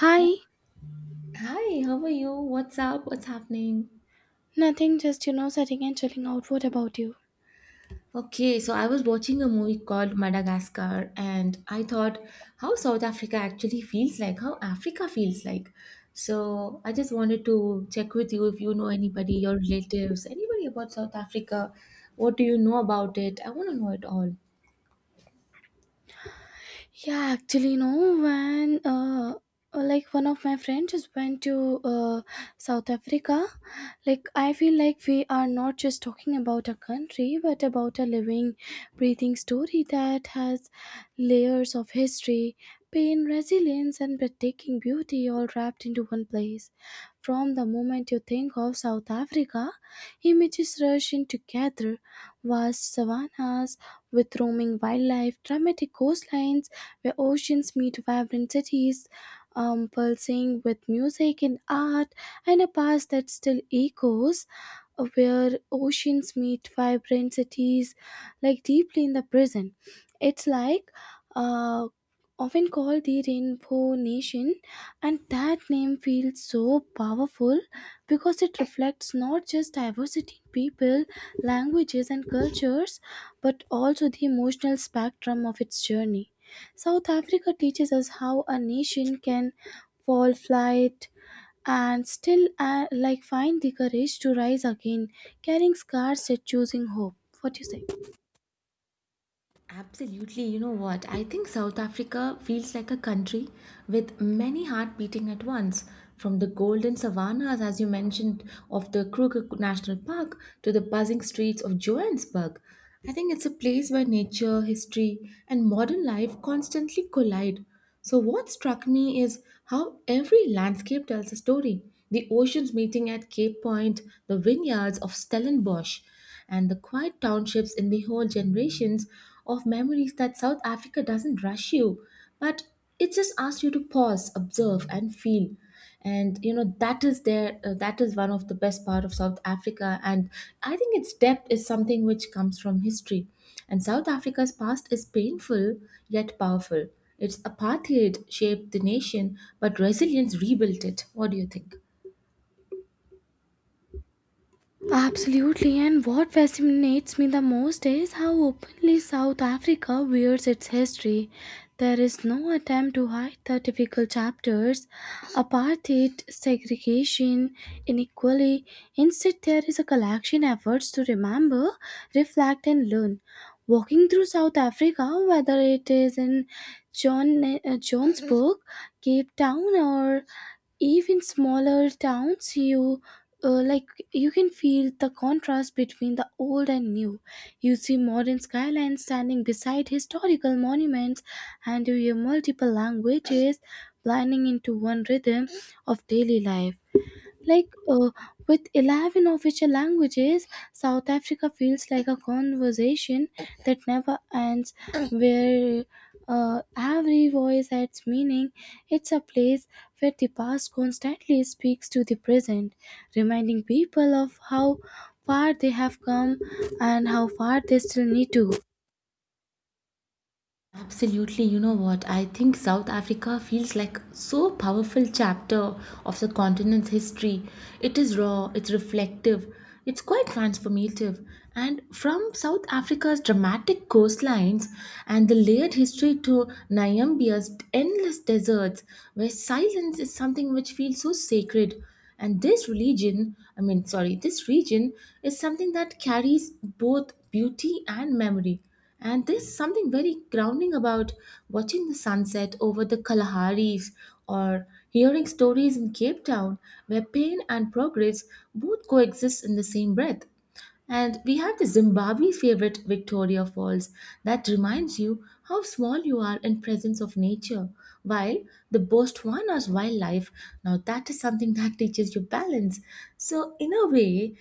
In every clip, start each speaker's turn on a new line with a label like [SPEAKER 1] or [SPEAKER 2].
[SPEAKER 1] Hi,
[SPEAKER 2] Hi, how are you? What's up? What's happening?
[SPEAKER 1] nothing, just sitting and chilling out. What about you?
[SPEAKER 2] Okay, so I was watching a movie called Madagascar and I thought how South Africa actually feels like, how Africa feels like. So I just wanted to check with you if you know anybody, your relatives, anybody about South Africa. What do you know about it? I want to know it all.
[SPEAKER 1] Yeah, actually, no. When, like one of my friends just went to, South Africa, like I feel like we are not just talking about a country, but about a living, breathing story that has layers of history, pain, resilience, and breathtaking beauty all wrapped into one place. From the moment you think of South Africa, images rush in together, vast savannas with roaming wildlife, dramatic coastlines where oceans meet vibrant cities, pulsing with music and art, and a past that still echoes where oceans meet vibrant cities, like deeply in the present. It's like, uh, often called the Rainbow Nation, and that name feels so powerful because it reflects not just diversity in people, languages, and cultures, but also the emotional spectrum of its journey. South Africa teaches us how a nation can fall flight and still, like find the courage to rise again, carrying scars yet choosing hope. What do you say?
[SPEAKER 2] Absolutely. You know what? I think South Africa feels like a country with many heart beating at once. From the golden savannas, as you mentioned, of the Kruger National Park to the buzzing streets of Johannesburg. I think it's a place where nature, history, and modern life constantly collide. So, what struck me is how every landscape tells a story. The oceans meeting at Cape Point, the vineyards of Stellenbosch, and the quiet townships in the whole generations of memories that South Africa doesn't rush you, but it just asks you to pause, observe, and feel. And you know that is there. That is one of the best part of South Africa, and I think its depth is something which comes from history. And South Africa's past is painful yet powerful. Its apartheid shaped the nation, but resilience rebuilt it. What do you think?
[SPEAKER 1] Absolutely, and what fascinates me the most is how openly South Africa wears its history. There is no attempt to hide the difficult chapters, apartheid, segregation, inequality. Instead, there is a collection efforts to remember, reflect, and learn. Walking through South Africa, whether it is in Johannesburg, Cape Town, or even smaller towns, you like you can feel the contrast between the old and new. You see modern skylines standing beside historical monuments, and you hear multiple languages blending into one rhythm of daily life, like, with 11 official languages. South Africa feels like a conversation that never ends, where every voice adds meaning. It's a place where the past constantly speaks to the present, reminding people of how far they have come and how far they still need to go.
[SPEAKER 2] Absolutely, you know what? I think South Africa feels like so powerful chapter of the continent's history. It is raw, it's reflective, it's quite transformative. And from South Africa's dramatic coastlines and the layered history to Namibia's endless deserts, where silence is something which feels so sacred. And this religion, I mean, sorry, this region is something that carries both beauty and memory. And there's something very grounding about watching the sunset over the Kalahari's or hearing stories in Cape Town where pain and progress both coexist in the same breath. And we have the Zimbabwe favorite Victoria Falls that reminds you how small you are in presence of nature. While the Botswana's wildlife, now that is something that teaches you balance. So in a way,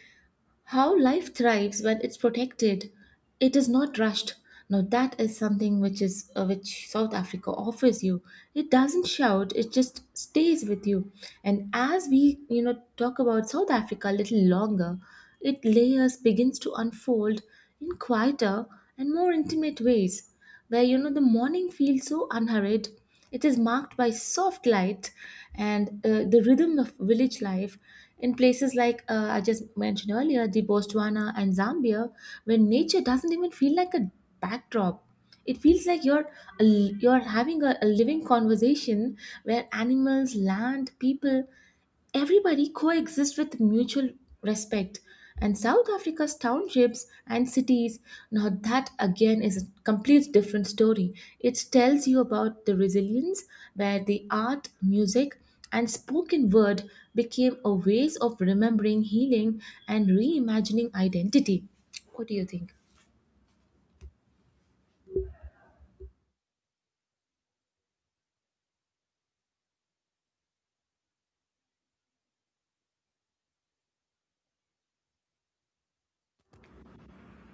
[SPEAKER 2] how life thrives when it's protected, it is not rushed. Now that is something which is which South Africa offers you. It doesn't shout; it just stays with you. And as we talk about South Africa a little longer, it layers begins to unfold in quieter and more intimate ways where the morning feels so unhurried. It is marked by soft light and the rhythm of village life in places like I just mentioned earlier, the Botswana and Zambia, where nature doesn't even feel like a backdrop. It feels like you're having a living conversation where animals, land, people. Everybody coexists with mutual respect. And South Africa's townships and cities, now that again is a complete different story. It tells you about the resilience where the art, music, and spoken word became a ways of remembering, healing, and reimagining identity. What do you think?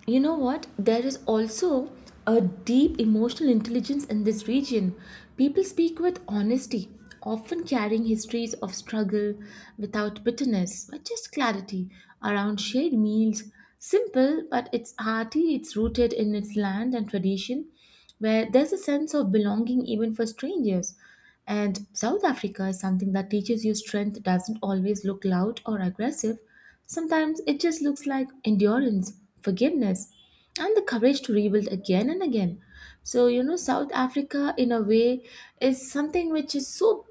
[SPEAKER 2] You know what? There is also a deep emotional intelligence in this region. People speak with honesty, often carrying histories of struggle without bitterness but just clarity around shared meals. Simple but it's hearty, it's rooted in its land and tradition, where there's a sense of belonging even for strangers. And South Africa is something that teaches you strength doesn't always look loud or aggressive. Sometimes it just looks like endurance, forgiveness, and the courage to rebuild again and again. So, you know, South Africa, in a way, is something which is so,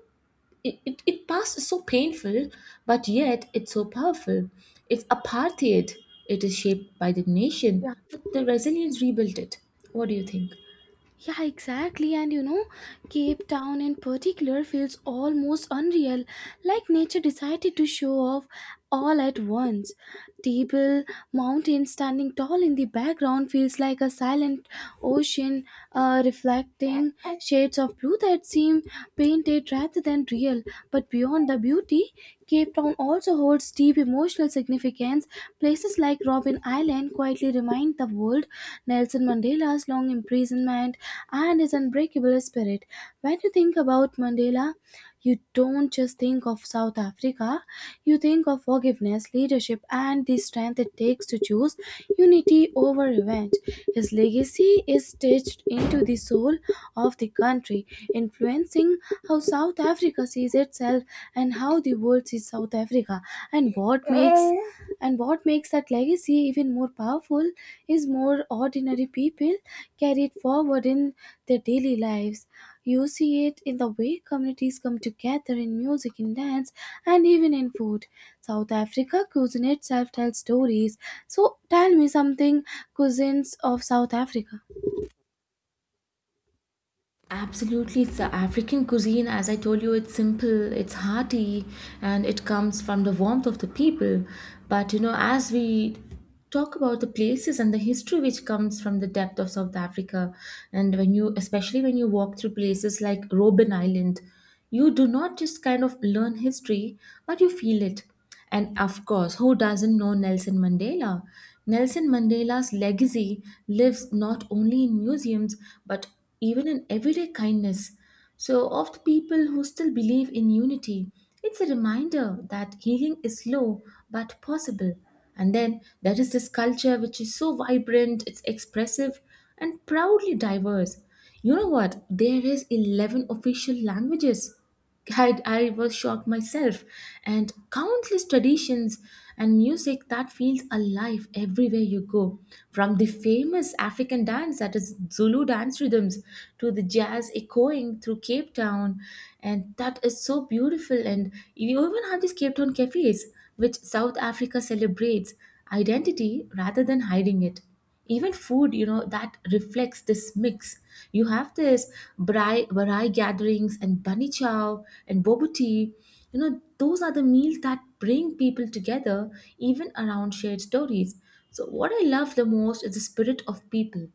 [SPEAKER 2] it past is so painful, but yet it's so powerful. It's apartheid, it is shaped by the nation, but the resilience rebuilt it. What do you think?
[SPEAKER 1] Yeah, exactly. And you know, Cape Town in particular feels almost unreal, like nature decided to show off all at once. Table mountain standing tall in the background feels like a silent ocean, reflecting shades of blue that seem painted rather than real. But beyond the beauty, Cape Town also holds deep emotional significance. Places like Robben Island quietly remind the world Nelson Mandela's long imprisonment and his unbreakable spirit. When you think about Mandela, you don't just think of South Africa, you think of forgiveness, leadership, and the strength it takes to choose unity over revenge. His legacy is stitched into the soul of the country, influencing how South Africa sees itself and how the world sees South Africa. And what makes and what makes that legacy even more powerful is more ordinary people carry it forward in their daily lives. You see it in the way communities come together in music, in dance, and even in food. South Africa cuisine itself tells stories. So tell me something, cuisines of South Africa.
[SPEAKER 2] Absolutely, it's the African cuisine. As I told you, it's simple, it's hearty, and it comes from the warmth of the people. But you know, as we talk about the places and the history which comes from the depth of South Africa, and when you, especially when you walk through places like Robben Island, you do not just kind of learn history, but you feel it. And of course, who doesn't know Nelson Mandela? Nelson Mandela's legacy lives not only in museums but even in everyday kindness. So, of the people who still believe in unity, it's a reminder that healing is slow but possible. And then there is this culture which is so vibrant, it's expressive, and proudly diverse. You know what? There is 11 official languages. I was shocked myself, and countless traditions and music that feels alive everywhere you go, from the famous African dance that is Zulu dance rhythms to the jazz echoing through Cape Town. And that is so beautiful. And you even have these Cape Town cafes which South Africa celebrates identity rather than hiding it. Even food, you know that reflects this mix. You have this barai gatherings and bunny chow and boba tea. You know, those are the meals that bring people together, even around shared stories. So what I love the most is the spirit of people.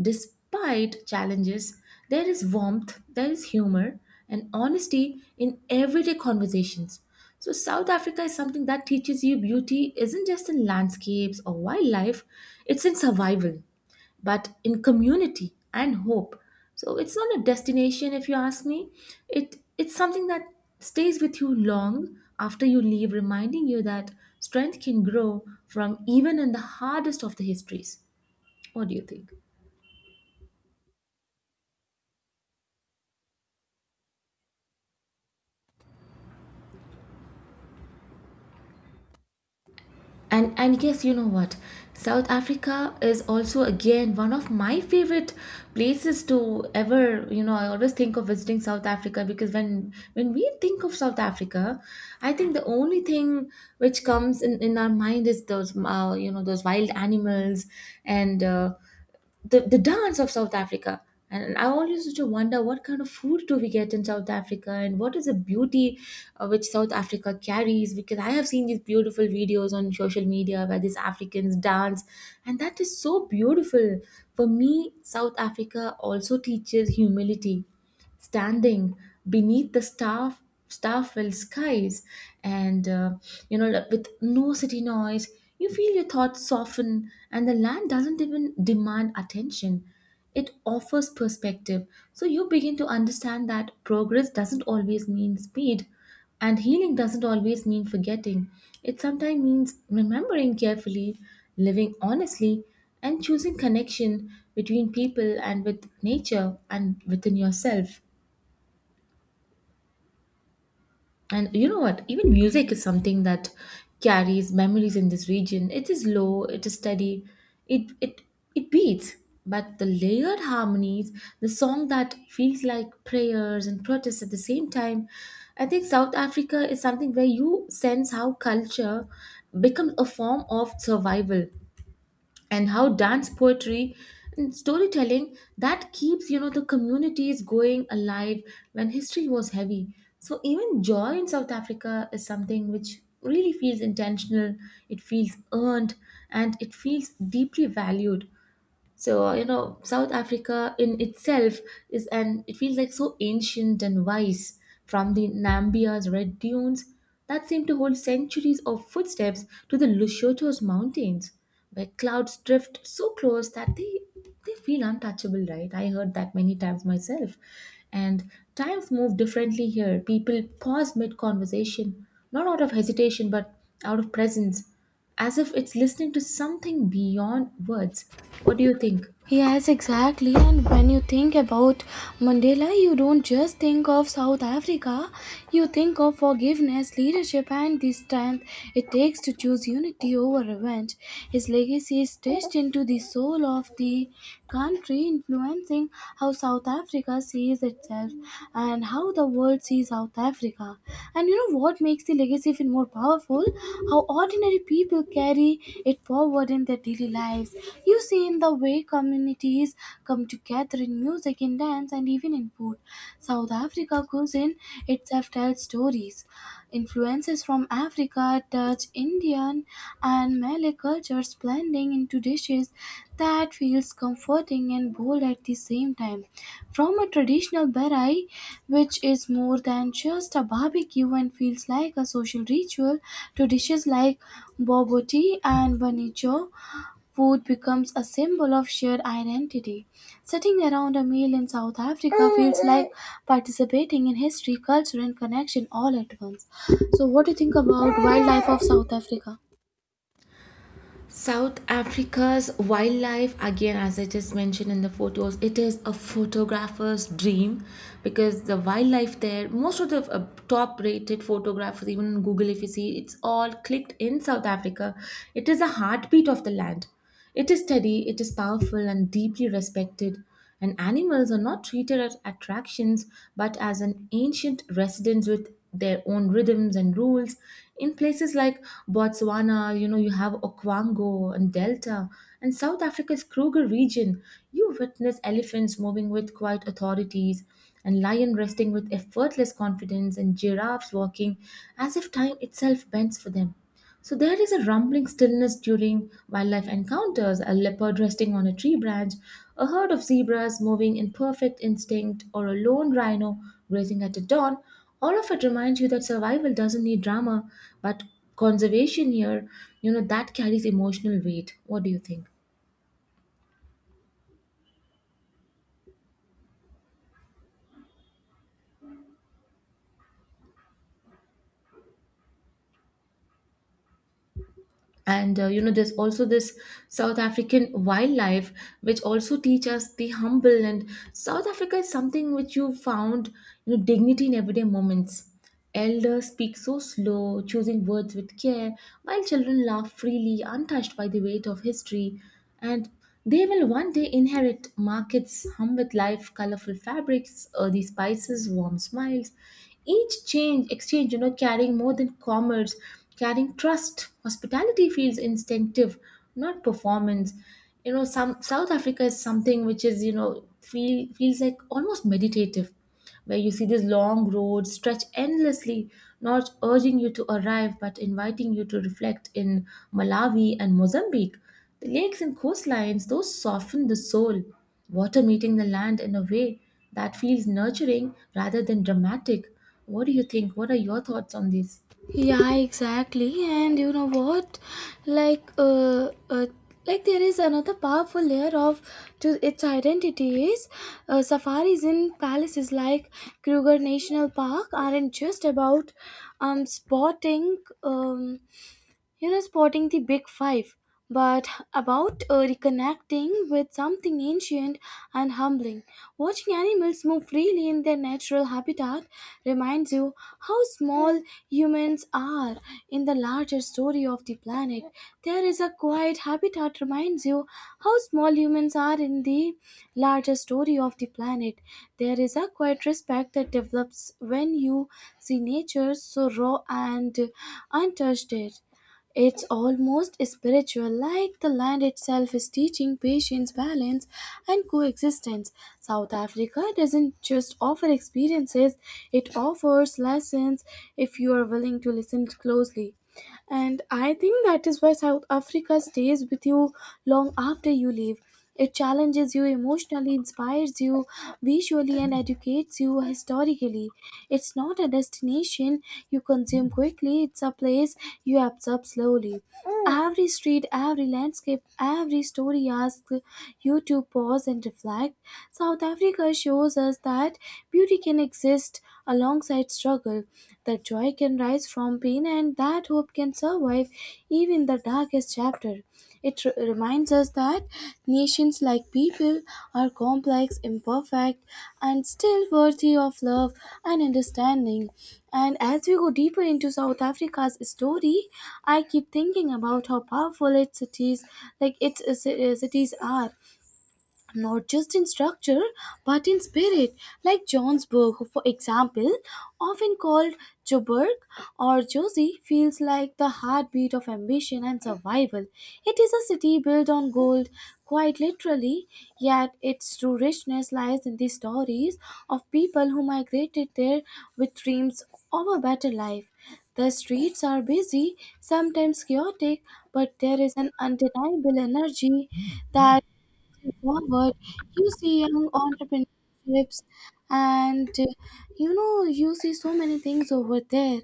[SPEAKER 2] Despite challenges, there is warmth, there is humor, and honesty in everyday conversations. So, South Africa is something that teaches you beauty isn't just in landscapes or wildlife, it's in survival, but in community and hope. So, it's not a destination, if you ask me. It's something that stays with you long after you leave, reminding you that strength can grow from even in the hardest of the histories. What do you think? And yes, you know what? South Africa is also again one of my favorite places to ever, I always think of visiting South Africa because when we think of South Africa, I think the only thing which comes in our mind is those those wild animals and the dance of South Africa. And I always used to wonder what kind of food do we get in South Africa and what is the beauty which South Africa carries because I have seen these beautiful videos on social media where these Africans dance and that is so beautiful. For me, South Africa also teaches humility standing beneath the star-filled skies and like, with no city noise, you feel your thoughts soften, and the land doesn't even demand attention. It offers perspective. So you begin to understand that progress doesn't always mean speed, and healing doesn't always mean forgetting. It sometimes means remembering carefully, living honestly, and choosing connection between people and with nature and within yourself. And you know what? Even music is something that carries memories in this region. It is low, it is steady, it it it beats. But the layered harmonies, the song that feels like prayers and protests at the same time, I think South Africa is something where you sense how culture becomes a form of survival, and how dance poetry and storytelling that keeps the communities going alive when history was heavy. So even joy in South Africa is something which really feels intentional. It feels earned, and it feels deeply valued. So, South Africa in itself is, and it feels like so ancient and wise, from the Namibia's red dunes that seem to hold centuries of footsteps to the Lesotho's mountains, where clouds drift so close that they feel untouchable, right? I heard that many times myself. And times move differently here. People pause mid conversation, not out of hesitation, but out of presence as if it's listening to something beyond words. What do you think?
[SPEAKER 1] Yes, exactly. And when you think about Mandela, you don't just think of South Africa, you think of forgiveness, leadership, and the strength it takes to choose unity over revenge. His legacy is stitched into the soul of the country, influencing how South Africa sees itself and how the world sees South Africa. And you know what makes the legacy even more powerful? How ordinary people carry it forward in their daily lives, you see, in the way communities come together in music, in dance, and even in food. South Africa cuisine itself tells stories. Influences from Africa, Dutch, Indian, and Malay cultures blending into dishes that feels comforting and bold at the same time. From a traditional berai, which is more than just a barbecue and feels like a social ritual, to dishes like bobo tea and banicho, food becomes a symbol of shared identity. Sitting around a meal in South Africa feels like participating in history, culture, and connection all at once. So, what do you think about wildlife of South Africa?
[SPEAKER 2] South Africa's wildlife, again, as I just mentioned in the photos, it is a photographer's dream because the wildlife there, most of the top rated photographers, even on Google, if you see, it's all clicked in South Africa. It is a heartbeat of the land. It is steady, it is powerful, and deeply respected. And animals are not treated as attractions but as an ancient residence with their own rhythms and rules. In places like Botswana, you have Okwango and Delta, and South Africa's Kruger region, you witness elephants moving with quiet authorities, and lion resting with effortless confidence, and giraffes walking as if time itself bends for them. So there is a rumbling stillness during wildlife encounters, a leopard resting on a tree branch, a herd of zebras moving in perfect instinct, or a lone rhino grazing at the dawn. All of it reminds you that survival doesn't need drama, but conservation here, that carries emotional weight. What do you think? And there's also this south african wildlife which also teach us the humble, and south africa is something which you found, you know, dignity in everyday moments. Elders speak so slow, choosing words with care, while children laugh freely, untouched by the weight of history, and they will one day inherit markets hum with life, colorful fabrics, earthy spices, warm smiles, each change exchange carrying more than commerce, carrying trust. Hospitality feels instinctive, not performance. Some south africa is something which is, feels like almost meditative, where you see these long roads stretch endlessly, not urging you to arrive but inviting you to reflect in Malawi and Mozambique. The lakes and coastlines, those soften the soul, water meeting the land in a way that feels nurturing rather than dramatic. What do you think? What are your thoughts on this?
[SPEAKER 1] Yeah, exactly. And you know what? Like, uh, uh, like there is another powerful layer of to its identity is, safaris in palaces like Kruger National Park aren't just about um spotting um spotting the big five, but about, reconnecting with something ancient and humbling. Watching animals move freely in their natural habitat reminds you how small humans are in the larger story of the planet. There is a quiet habitat reminds you how small humans are in the larger story of the planet. There is a quiet respect that develops when you see nature so raw and untouched it. It's almost spiritual, like the land itself is teaching patience, balance, and coexistence. South Africa doesn't just offer experiences, it offers lessons if you are willing to listen closely. And I think that is why South Africa stays with you long after you leave. It challenges you emotionally, inspires you visually, and educates you historically. It's not a destination you consume quickly, it's a place you absorb slowly. Every street, every landscape, every story asks you to pause and reflect. South Africa shows us that beauty can exist alongside struggle, that joy can rise from pain and that hope can survive even the darkest chapter. It reminds us that nations, like people, are complex, imperfect, and still worthy of love and understanding. And as we go deeper into South Africa's story, I keep thinking about how powerful its cities, like its, cities, are not just in structure but in spirit. Like Johnsburg, for example, often called Joburg or Josie, feels like the heartbeat of ambition and survival. It is a city built on gold, quite literally, yet its true richness lies in the stories of people who migrated there with dreams of a better life. The streets are busy, sometimes chaotic, but there is an undeniable energy that forward. You see young entrepreneurships, and you see so many things over there.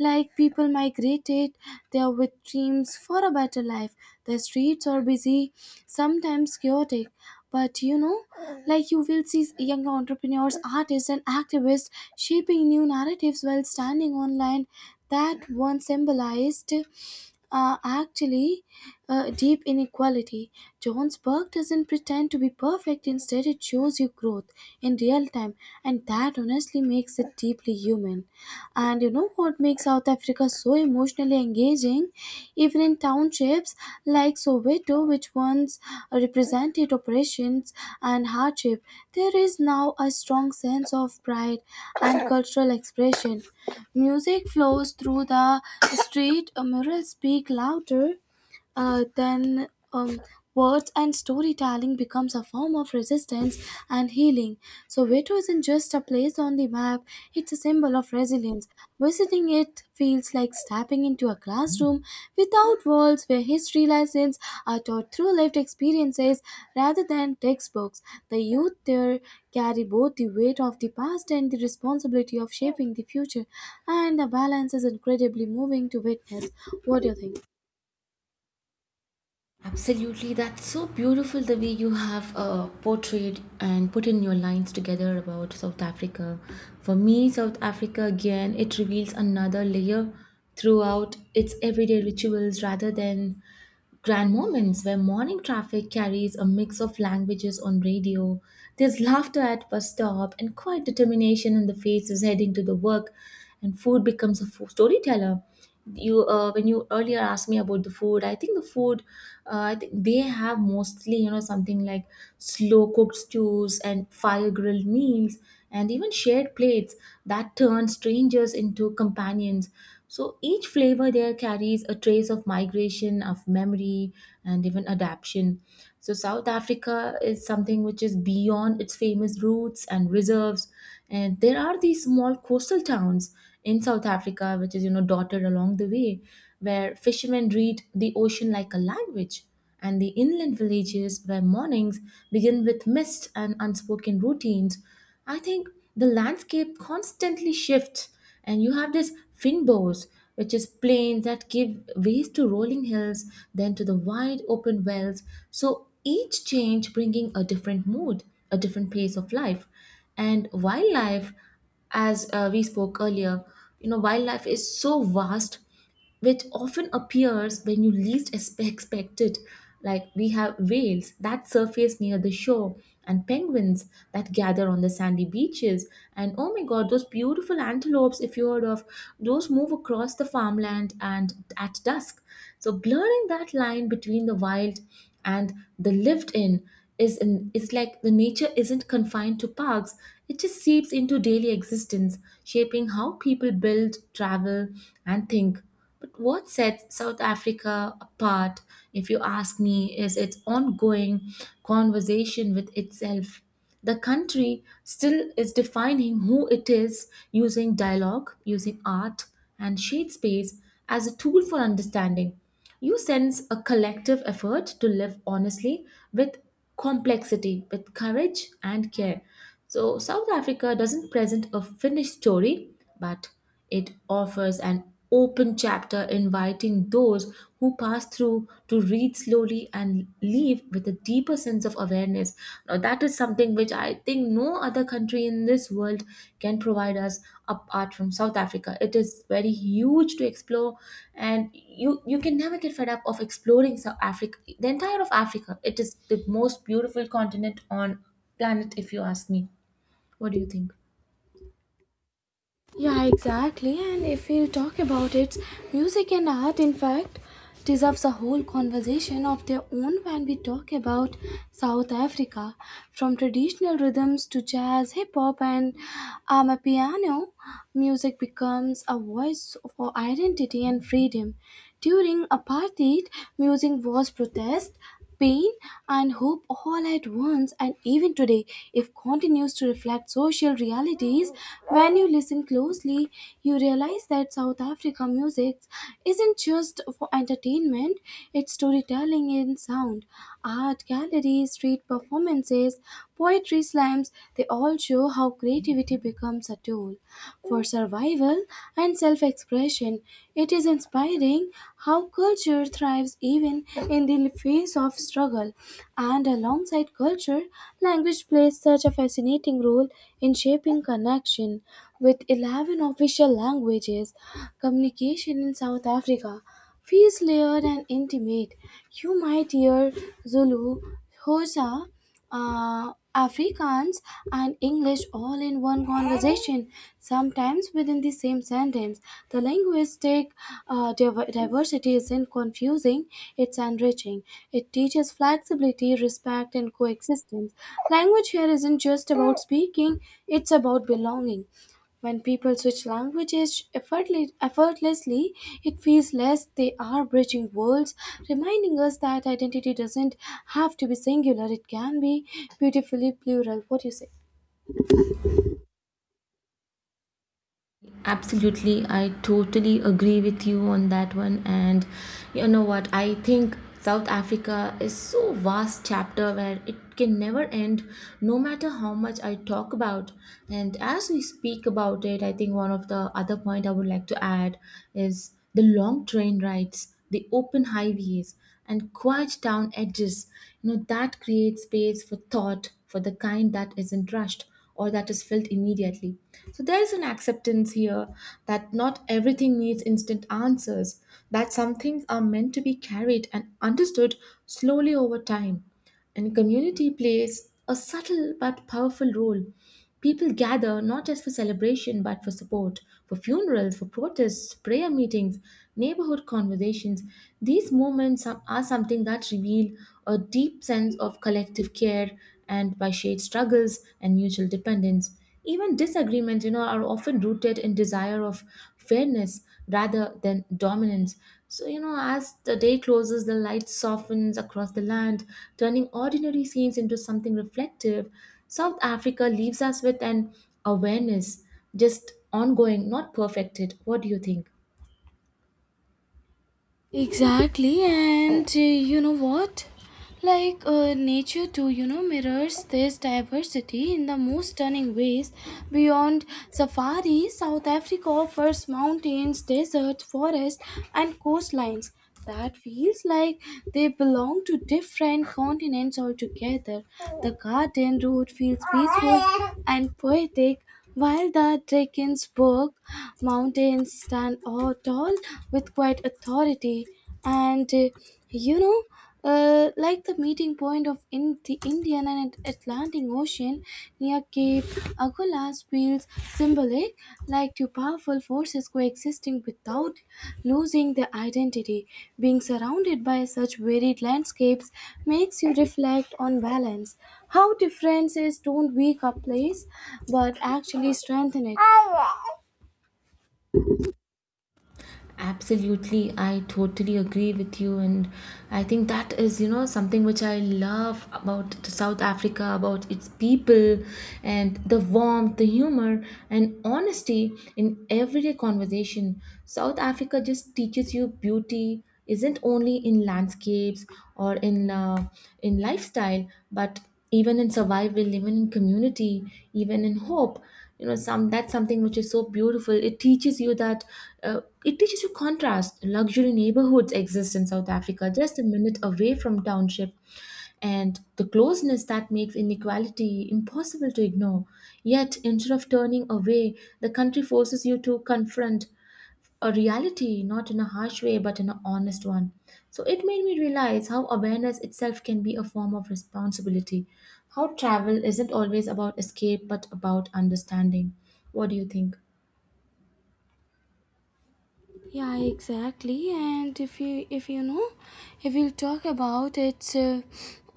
[SPEAKER 1] Like people migrated there with dreams for a better life. The streets are busy, sometimes chaotic, but you know, like you will see young entrepreneurs, artists, and activists shaping new narratives while standing online that once symbolized, actually, deep inequality. John's work doesn't pretend to be perfect, instead, it shows you growth in real time, and that honestly makes it deeply human. And you know what makes South Africa so emotionally engaging? Even in townships like Soweto, which once represented oppressions and hardship, there is now a strong sense of pride and cultural expression. Music flows through the street, murals speak louder then words, and storytelling becomes a form of resistance and healing. So Veto isn't just a place on the map, it's a symbol of resilience. Visiting it feels like stepping into a classroom without walls where history lessons are taught through lived experiences rather than textbooks. The youth there carry both the weight of the past and the responsibility of shaping the future, and the balance is incredibly moving to witness. What do you think?
[SPEAKER 2] Absolutely, that's so beautiful the way you have portrayed and put in your lines together about South Africa. For me, South Africa again, it reveals another layer throughout its everyday rituals rather than grand moments where morning traffic carries a mix of languages on radio. There's laughter at bus stop and quiet determination in the faces heading to the work, and food becomes a storyteller. You When you earlier asked me about the food, I think the food, I think they have mostly, you know, something like slow cooked stews and fire grilled meals and even shared plates that turn strangers into companions. So each flavor there carries a trace of migration, of memory, and even adaption. So south africa is something which is beyond its famous roots and reserves, and there are these small coastal towns in south africa which is, you know, dotted along the way, where fishermen read the ocean like a language, and the inland villages where mornings begin with mist and unspoken routines. I think the landscape constantly shifts, and you have this finbows, which is plains that give ways to rolling hills, then to the wide open wells. So each change bringing a different mood, a different pace of life. And wildlife, as we spoke earlier, you know, wildlife is so vast, which often appears when you least expect it. Like we have whales that surface near the shore, and penguins that gather on the sandy beaches, and oh my god, those beautiful antelopes, if you heard of, those move across the farmland and at dusk. So blurring that line between the wild and the lived in it's like the nature isn't confined to parks. It just seeps into daily existence, shaping how people build, travel, and think. But what sets South Africa apart, if you ask me, is its ongoing conversation with itself. The country still is defining who it is using dialogue, using art, and shade space as a tool for understanding. You sense a collective effort to live honestly with complexity, with courage and care. So, South Africa doesn't present a finished story, but it offers an open chapter, inviting those who pass through to read slowly and leave with a deeper sense of awareness. Now, that is something which I think no other country in this world can provide us apart from South Africa. It is very huge to explore, and you can never get fed up of exploring South Africa, the entire of Africa. It is the most beautiful continent on planet, if you ask me. What do you think?
[SPEAKER 1] Yeah, exactly. And if we'll talk about it, music and art, in fact, deserves a whole conversation of their own when we talk about South Africa. From traditional rhythms to jazz, hip hop, and amapiano, music becomes a voice for identity and freedom. During apartheid, music was protest, pain and hope all at once, and even today if continues to reflect social realities. When you listen closely, you realize that South Africa music isn't just for entertainment, it's storytelling in sound. Art galleries, street performances, poetry slams, they all show how creativity becomes a tool for survival and self expression. It is inspiring how culture thrives even in the face of struggle. And alongside culture, language plays such a fascinating role in shaping connection. With 11 official languages, communication in South Africa feels layered and intimate. You might hear Zulu, Xhosa, Afrikaans, and English all in one conversation, sometimes within the same sentence. The linguistic diversity isn't confusing, it's enriching. It teaches flexibility, respect, and coexistence. Language here isn't just about speaking, it's about belonging. When people switch languages effortlessly, it feels less they are bridging worlds, reminding us that identity doesn't have to be singular, it can be beautifully plural. What do you say?
[SPEAKER 2] Absolutely, I totally agree with you on that one. And you know what? I think South Africa is so vast chapter where it can never end, no matter how much I talk about. And as we speak about it, I think one of the other point I would like to add is the long train rides, the open highways, and quiet town edges. You know that creates space for thought, for the kind that isn't rushed or that is felt immediately. So there is an acceptance here that not everything needs instant answers, that some things are meant to be carried and understood slowly over time. And community plays a subtle but powerful role. People gather not just for celebration but for support, for funerals, for protests, prayer meetings, neighborhood conversations. These moments are something that reveal a deep sense of collective care and by shared struggles and mutual dependence. Even disagreements, you know, are often rooted in desire of fairness rather than dominance. So, you know, as the day closes, the light softens across the land, turning ordinary scenes into something reflective. South Africa leaves us with an awareness, just ongoing, not perfected. What do you think?
[SPEAKER 1] Exactly, and, you know what? Like, nature too, you know, mirrors this diversity in the most stunning ways. Beyond safari, South Africa offers mountains, deserts, forests, and coastlines that feels like they belong to different continents altogether. The garden route feels peaceful and poetic, while the Drakensberg mountains stand all tall with quite authority, and you know, like the meeting point of in the Indian and Atlantic Ocean near Cape Agulhas feels symbolic, like two powerful forces coexisting without losing their identity. Being surrounded by such varied landscapes makes you reflect on balance, how differences don't weak a place but actually strengthen it.
[SPEAKER 2] Absolutely, I totally agree with you, and I think that is, you know, something which I love about South Africa, about its people, and the warmth, the humor, and honesty in everyday conversation. South Africa just teaches you beauty, isn't only in landscapes or in lifestyle, but even in survival, even in community, even in hope. You know, some that's something which is so beautiful. It teaches you that, it teaches you contrast. Luxury neighborhoods exist in south africa just a minute away from township, and the closeness that makes inequality impossible to ignore. Yet, instead of turning away, the country forces you to confront a reality, not in a harsh way, but in an honest one. So it made me realize how awareness itself can be a form of responsibility. How travel isn't always about escape, but about understanding. What do you think?
[SPEAKER 1] Yeah, exactly. And if you know, if we'll talk about it,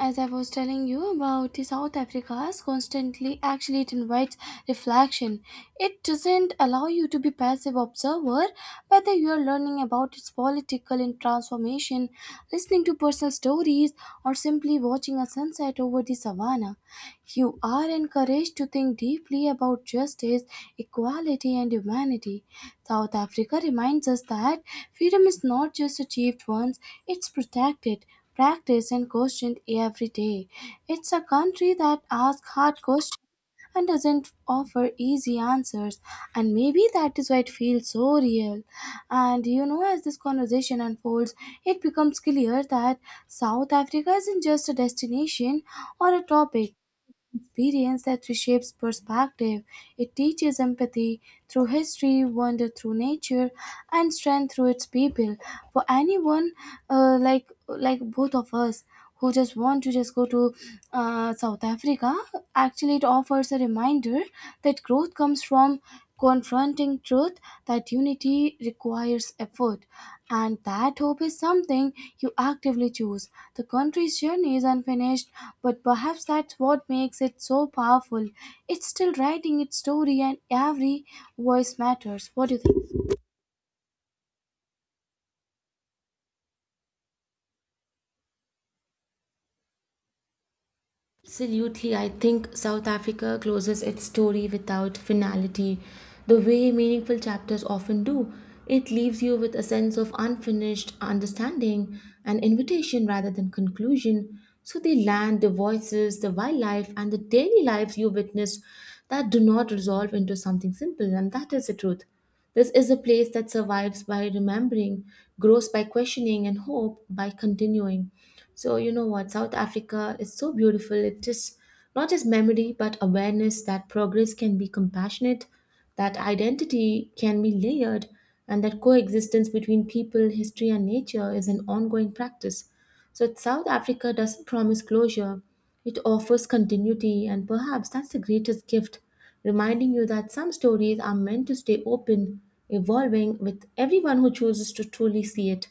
[SPEAKER 1] as I was telling you about the South Africa's constantly, actually, it invites reflection. It doesn't allow you to be passive observer, whether you are learning about its political and transformation, listening to personal stories trees, or simply watching a sunset over the savannah, you are encouraged to think deeply about justice, equality, and humanity. South Africa reminds us that freedom is not just achieved once, it's protected, practiced, and questioned every day. It's a country that asks hard questions and doesn't offer easy answers, and maybe that is why it feels so real. And you know, as this conversation unfolds, it becomes clear that South Africa isn't just a destination or a topic, experience that reshapes perspective. It teaches empathy through history, wonder through nature, and strength through its people. For anyone, like both of us, who just want to just go to, South Africa, actually it offers a reminder that growth comes from confronting truth, that unity requires effort, and that hope is something you actively choose. The country's journey is unfinished, but perhaps that's what makes it so powerful. It's still writing its story, and every voice matters. What do you think?
[SPEAKER 2] Absolutely, I think South Africa closes its story without finality, the way meaningful chapters often do. It leaves you with a sense of unfinished understanding, an invitation rather than conclusion. So, the land, the voices, the wildlife, and the daily lives you witness that do not resolve into something simple, and that is the truth. This is a place that survives by remembering, grows by questioning, and hope by continuing. So, you know what? South Africa is so beautiful. It just not just memory, but awareness that progress can be compassionate, that identity can be layered, and that coexistence between people, history, and nature is an ongoing practice. So, South Africa doesn't promise closure, it offers continuity, and perhaps that's the greatest gift, reminding you that some stories are meant to stay open, evolving with everyone who chooses to truly see it.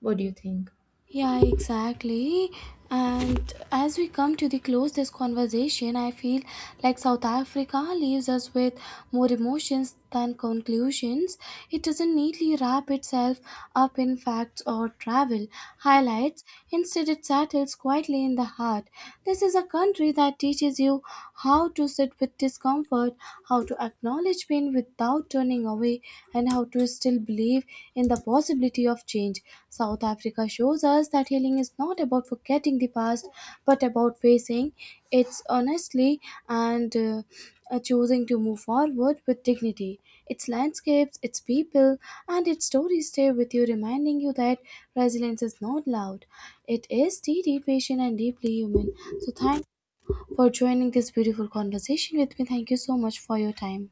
[SPEAKER 2] What do you think?
[SPEAKER 1] Yeah, exactly. And as we come to the close this conversation, I feel like South Africa leaves us with more emotions than conclusions. It doesn't neatly wrap itself up in facts or travel highlights. Instead, it settles quietly in the heart. This is a country that teaches you how to sit with discomfort, how to acknowledge pain without turning away, and how to still believe in the possibility of change. South Africa shows us that healing is not about forgetting the past, but about facing it honestly and, choosing to move forward with dignity. Its landscapes, its people, and its stories stay with you, reminding you that resilience is not loud. It is steady, patient, and deeply human. So, thank you for joining this beautiful conversation with me. Thank you so much for your time.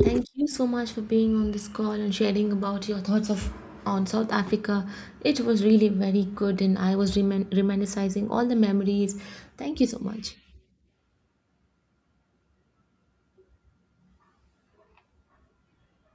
[SPEAKER 2] Thank you so much for being on this call and sharing about your thoughts of on South Africa. It was really very good, and I was reminiscing all the memories. Thank you so much.